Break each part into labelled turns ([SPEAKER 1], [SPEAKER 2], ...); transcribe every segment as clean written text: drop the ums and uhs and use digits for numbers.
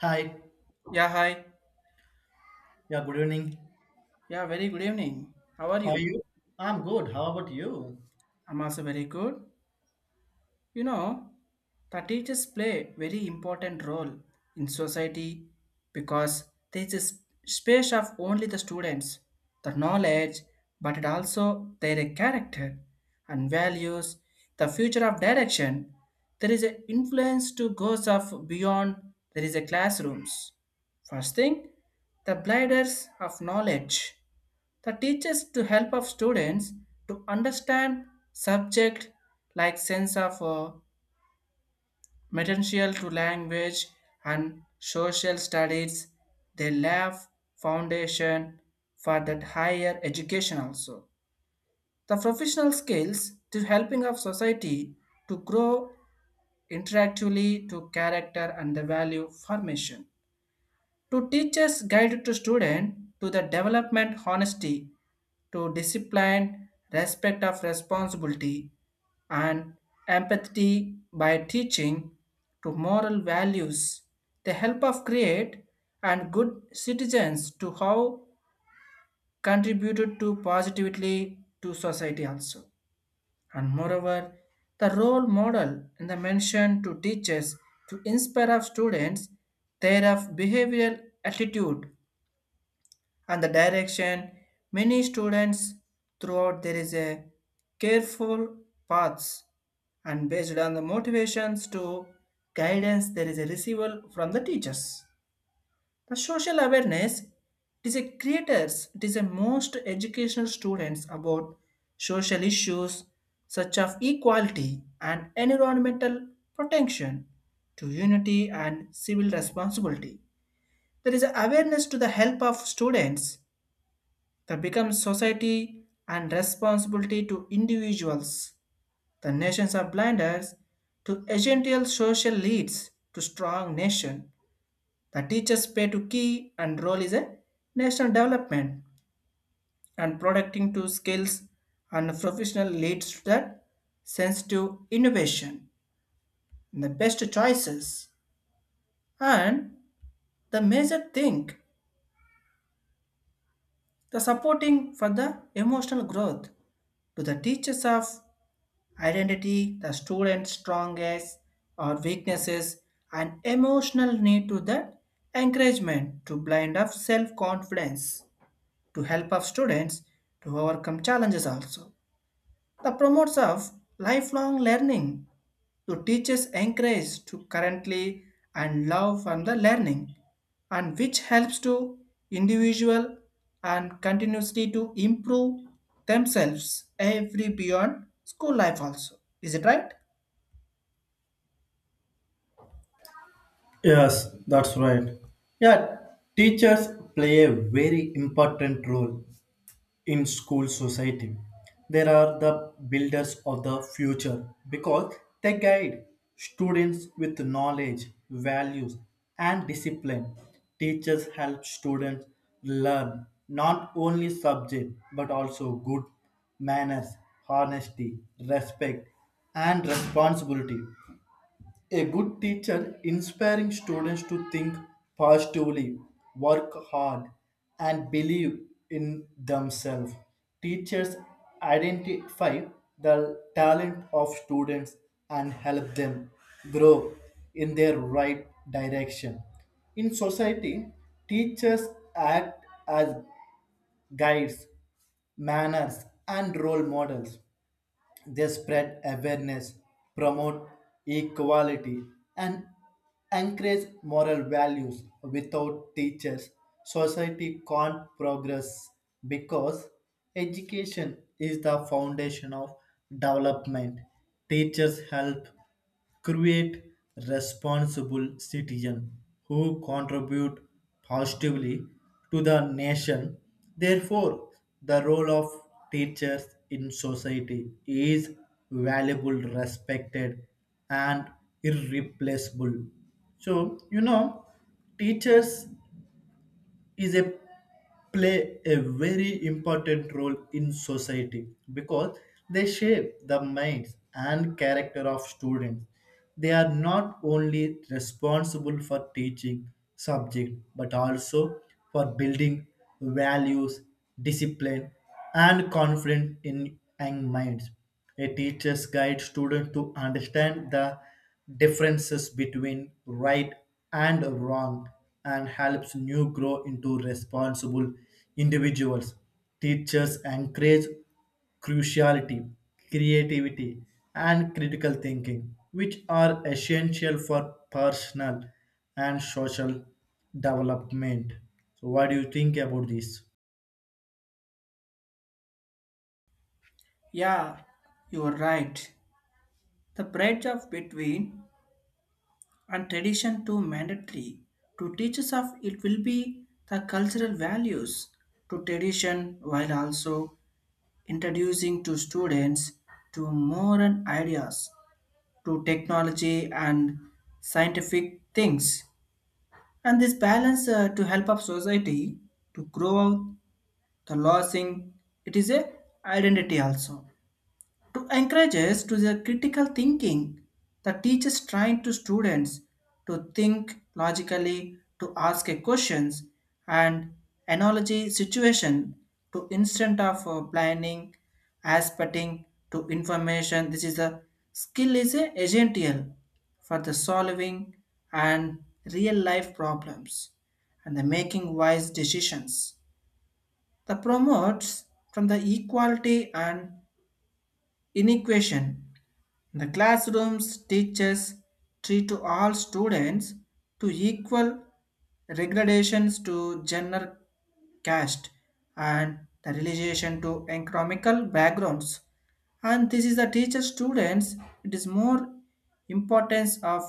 [SPEAKER 1] Hi.
[SPEAKER 2] Yeah, hi.
[SPEAKER 1] Yeah, good evening.
[SPEAKER 2] Yeah, very good evening. How are
[SPEAKER 1] How are
[SPEAKER 2] you?
[SPEAKER 1] you? I'm good. How about you?
[SPEAKER 2] I'm also very good. You know, the teachers play very important role in society because there is a space of only the students, the knowledge, but it also their character and values, the future of direction. There is an influence to goes of beyond there is a classrooms. First thing, the blinders of knowledge. The teachers to help of students to understand subject like sense of material to language and social studies. They lay foundation for that higher education also. The professional skills to helping of society to grow interactively to character and the value formation. To teachers guide to student to the development honesty to discipline, respect of responsibility, and empathy by teaching to moral values, the help of create and good citizens to how contributed to positively to society also. And moreover, the role model in the mention to teachers to inspire of students their of behavioral attitude and the direction many students throughout there is a careful paths and based on the motivations to guidance there is a receival from the teachers, the social awareness it is a creators it is a most educational students about social issues such as equality and environmental protection to unity and civil responsibility, there is awareness to the help of students the becomes society and responsibility to individuals. The nations are blinders to essential social leads to strong nation. The teachers play to key and role is a national development and protecting to skills and professional leads to that sensitive innovation and the best choices, and the major thing the supporting for the emotional growth to the teachers of identity, the student's strongest or weaknesses, and emotional need to the encouragement to blind up self-confidence to help of students to overcome challenges also. The promotes of lifelong learning to teachers encourage to currently and love from the learning and which helps to individual and continuously to improve themselves every beyond school life also, is it right?
[SPEAKER 1] Yes, that's right. Yeah, teachers play a very important role in school society, there are the builders of the future because they guide students with knowledge values and discipline. Teachers help students learn not only subject but also good manners, honesty, respect, and responsibility. A good teacher inspiring students to think positively, work hard, and believe in themselves. Teachers identify the talent of students and help them grow in their right direction. In society, teachers act as guides, manners, and role models. They spread awareness, promote equality, and encourage moral values. Without teachers, society can't progress because education is the foundation of development. Teachers help create responsible citizens who contribute positively to the nation. Therefore, the role of teachers in society is valuable, respected, and irreplaceable. So, you know, teachers is a play a very important role in society because they shape the minds and character of students. They are not only responsible for teaching subject but also for building values, discipline, and confidence in young minds. A teachers guide students to understand the differences between right and wrong, and helps new grow into responsible individuals. Teachers encourage cruciality, creativity, and critical thinking, which are essential for personal and social development. So, what do you think about this?
[SPEAKER 2] Yeah, you're right. The bridge of between and tradition to mandatory to teachers of it will be the cultural values to tradition while also introducing to students to modern ideas to technology and scientific things, and this balance to help up society to grow out the losing it is a identity also to encourages to the critical thinking, the teachers trying to students to think logically to ask a questions and analogy situation to instant of planning aspecting to information. This is a skill is a essential for the solving and real life problems and the making wise decisions. The promotes from the equality and inequation the classrooms teachers treat to all students to equal regradations to gender, caste, and the relation to economical backgrounds. And this is the teacher students, it is more importance of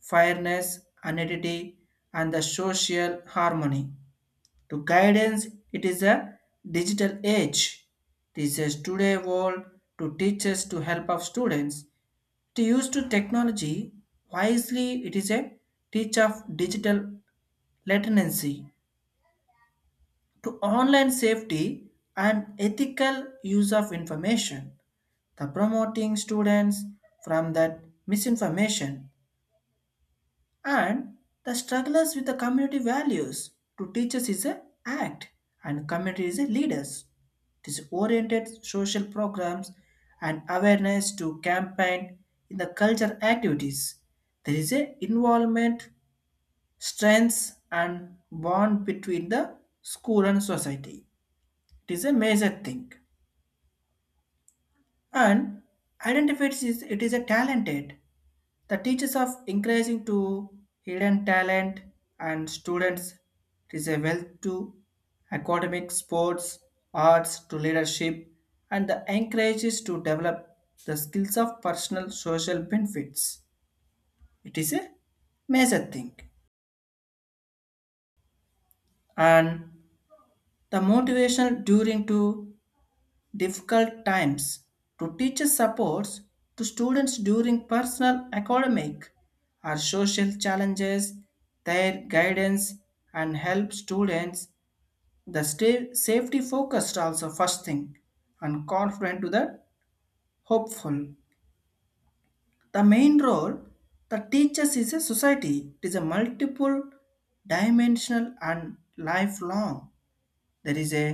[SPEAKER 2] fairness, identity and the social harmony. To guidance, it is a digital age. This is today world to teachers to help of students to use to technology wisely, it is a teach of digital latency to online safety and ethical use of information. The promoting students from that misinformation and the strugglers with the community values to teachers is a act and community is a leaders it is oriented social programs and awareness to campaign in the culture activities, there is a involvement strengths and bond between the school and society, it is a major thing, and identifies it is a talented. The teachers of encouraging to hidden talent and students it is a wealth to academic, sports, arts to leadership, and the encourages to develop the skills of personal social benefits. It is a major thing, and the motivation during to difficult times to teacher supports to students during personal academic or social challenges, their guidance and help students the stay safety focused also first thing and confident to the hopeful. The main role the teachers is a society, it is a multiple dimensional and lifelong, there is a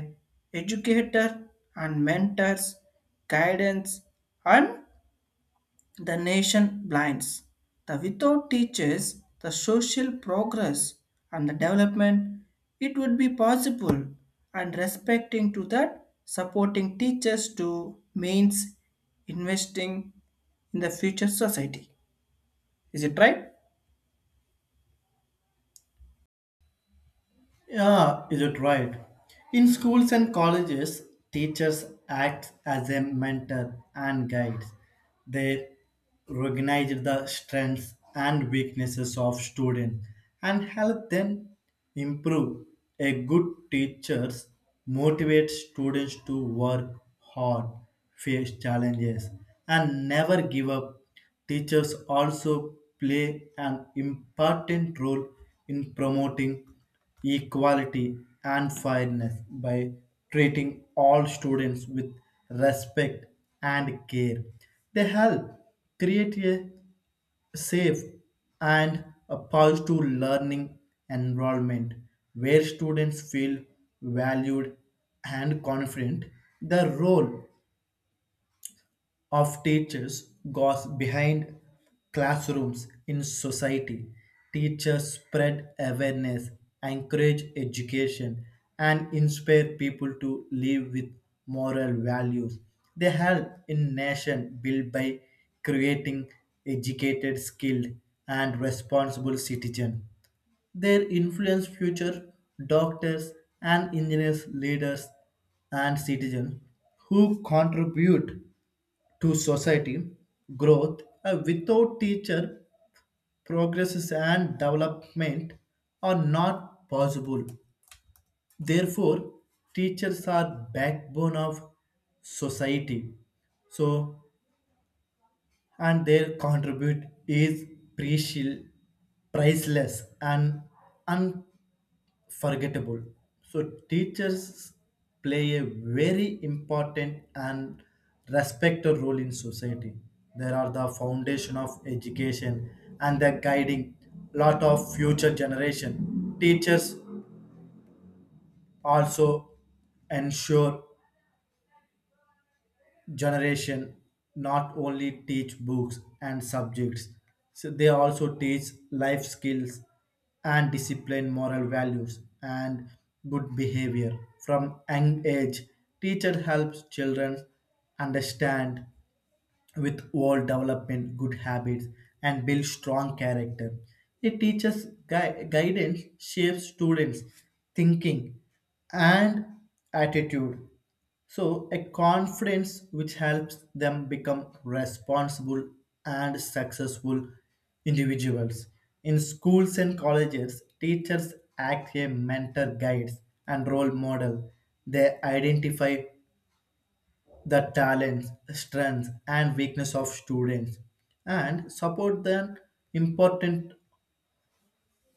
[SPEAKER 2] educator and mentors, guidance, and the nation blinds. The without teachers, the social progress and the development, it would be possible and respecting to that supporting teachers to means investing in the future society. Is it right?
[SPEAKER 1] Yeah, is it right? In schools and colleges, teachers act as a mentor and guides. They recognize the strengths and weaknesses of students and help them improve. A good teacher motivates students to work hard, face challenges, and never give up. Teachers also play an important role in promoting equality and fairness by treating all students with respect and care. They help create a safe and a positive learning environment where students feel valued and confident. The role of teachers goes behind classrooms in society. Teachers spread awareness, encourage education, and inspire people to live with moral values. They help in nation build by creating educated, skilled, and responsible citizens. Their influence future doctors and engineers, leaders, and citizens who contribute to society growth, without teacher progresses and development are not possible. Therefore, teachers are backbone of society, so, and their contribute is precious, priceless, and un. Forgettable. So, teachers play a very important and respected role in society. They are the foundation of education and they're guiding lot of future generation. Teachers also ensure generation not only teach books and subjects, so they also teach life skills and discipline, moral values, and good behavior. From young age teacher helps children understand with all development, good habits, and build strong character. It teaches guidance, shapes students' thinking and attitude. So, a confidence which helps them become responsible and successful individuals. In schools and colleges, teachers act as mentor guides and role model. They identify the talents, strengths, and weakness of students and support them important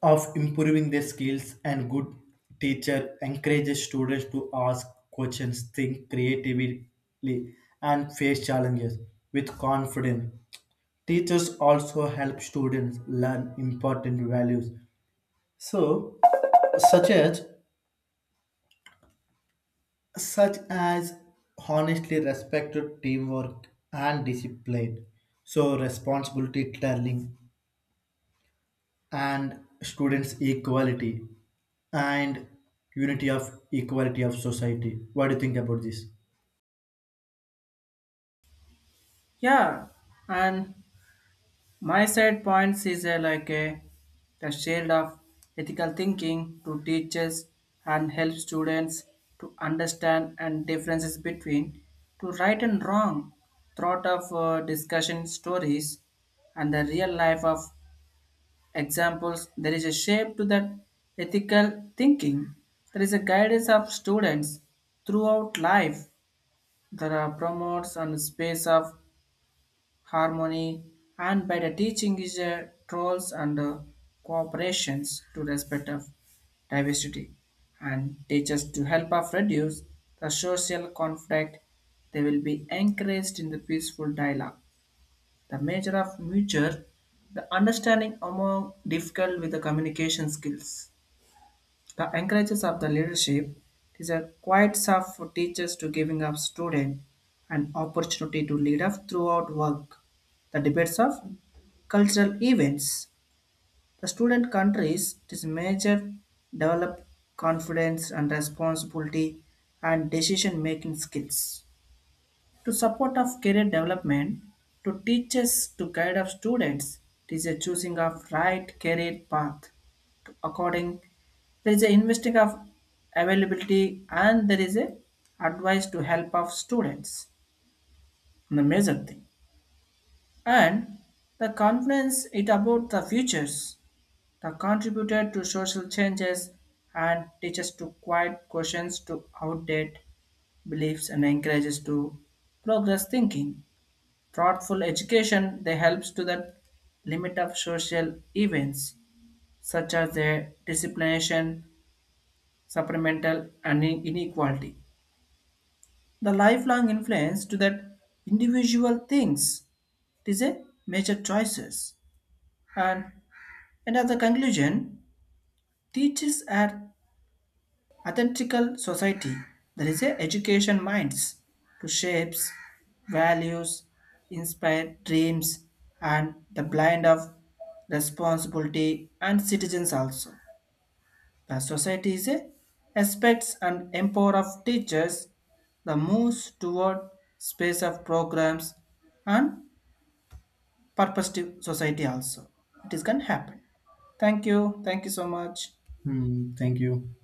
[SPEAKER 1] of improving their skills. And good teacher encourages students to ask questions, think creatively, and face challenges with confidence. Teachers also help students learn important values. So such as such as honestly respected teamwork and discipline. So responsibility telling and students equality and unity of equality of society. What do you think about this?
[SPEAKER 2] Yeah, and my side points is like a the shield of ethical thinking to teachers and help students to understand and differences between to right and wrong, thought of discussion stories and the real life of examples there is a shape to that ethical thinking, there is a guidance of students throughout life, there are promotes and space of harmony, and by the teaching is roles and cooperations to respect of diversity, and teachers to help us reduce the social conflict, they will be encouraged in the peaceful dialogue, the measure of mutual the understanding among difficult with the communication skills, the encourages of the leadership is a quiet soft for teachers to giving up student an opportunity to lead up throughout work. The debates of cultural events. The student countries it is major develop confidence and responsibility and decision making skills to support of career development to teachers to guide of students it is a choosing of right career path, to according there is a investing of availability and there is a advice to help of students the major thing, and the confidence it about the futures the contributed to social changes and teaches to quiet questions to outdate beliefs and encourages to progress thinking. Thoughtful education they helps to the limit of social events such as the discrimination, supplemental and inequality. The lifelong influence to that individual things, it is a major choices. And, and as a conclusion, teachers are authentical society, there is a education minds to shapes, values, inspire dreams, and the blind of responsibility and citizens also. The society is a aspects and empower of teachers the moves toward space of programs and purposive society also. It is can happen. Thank you. Thank you so much.
[SPEAKER 1] Hmm, thank you.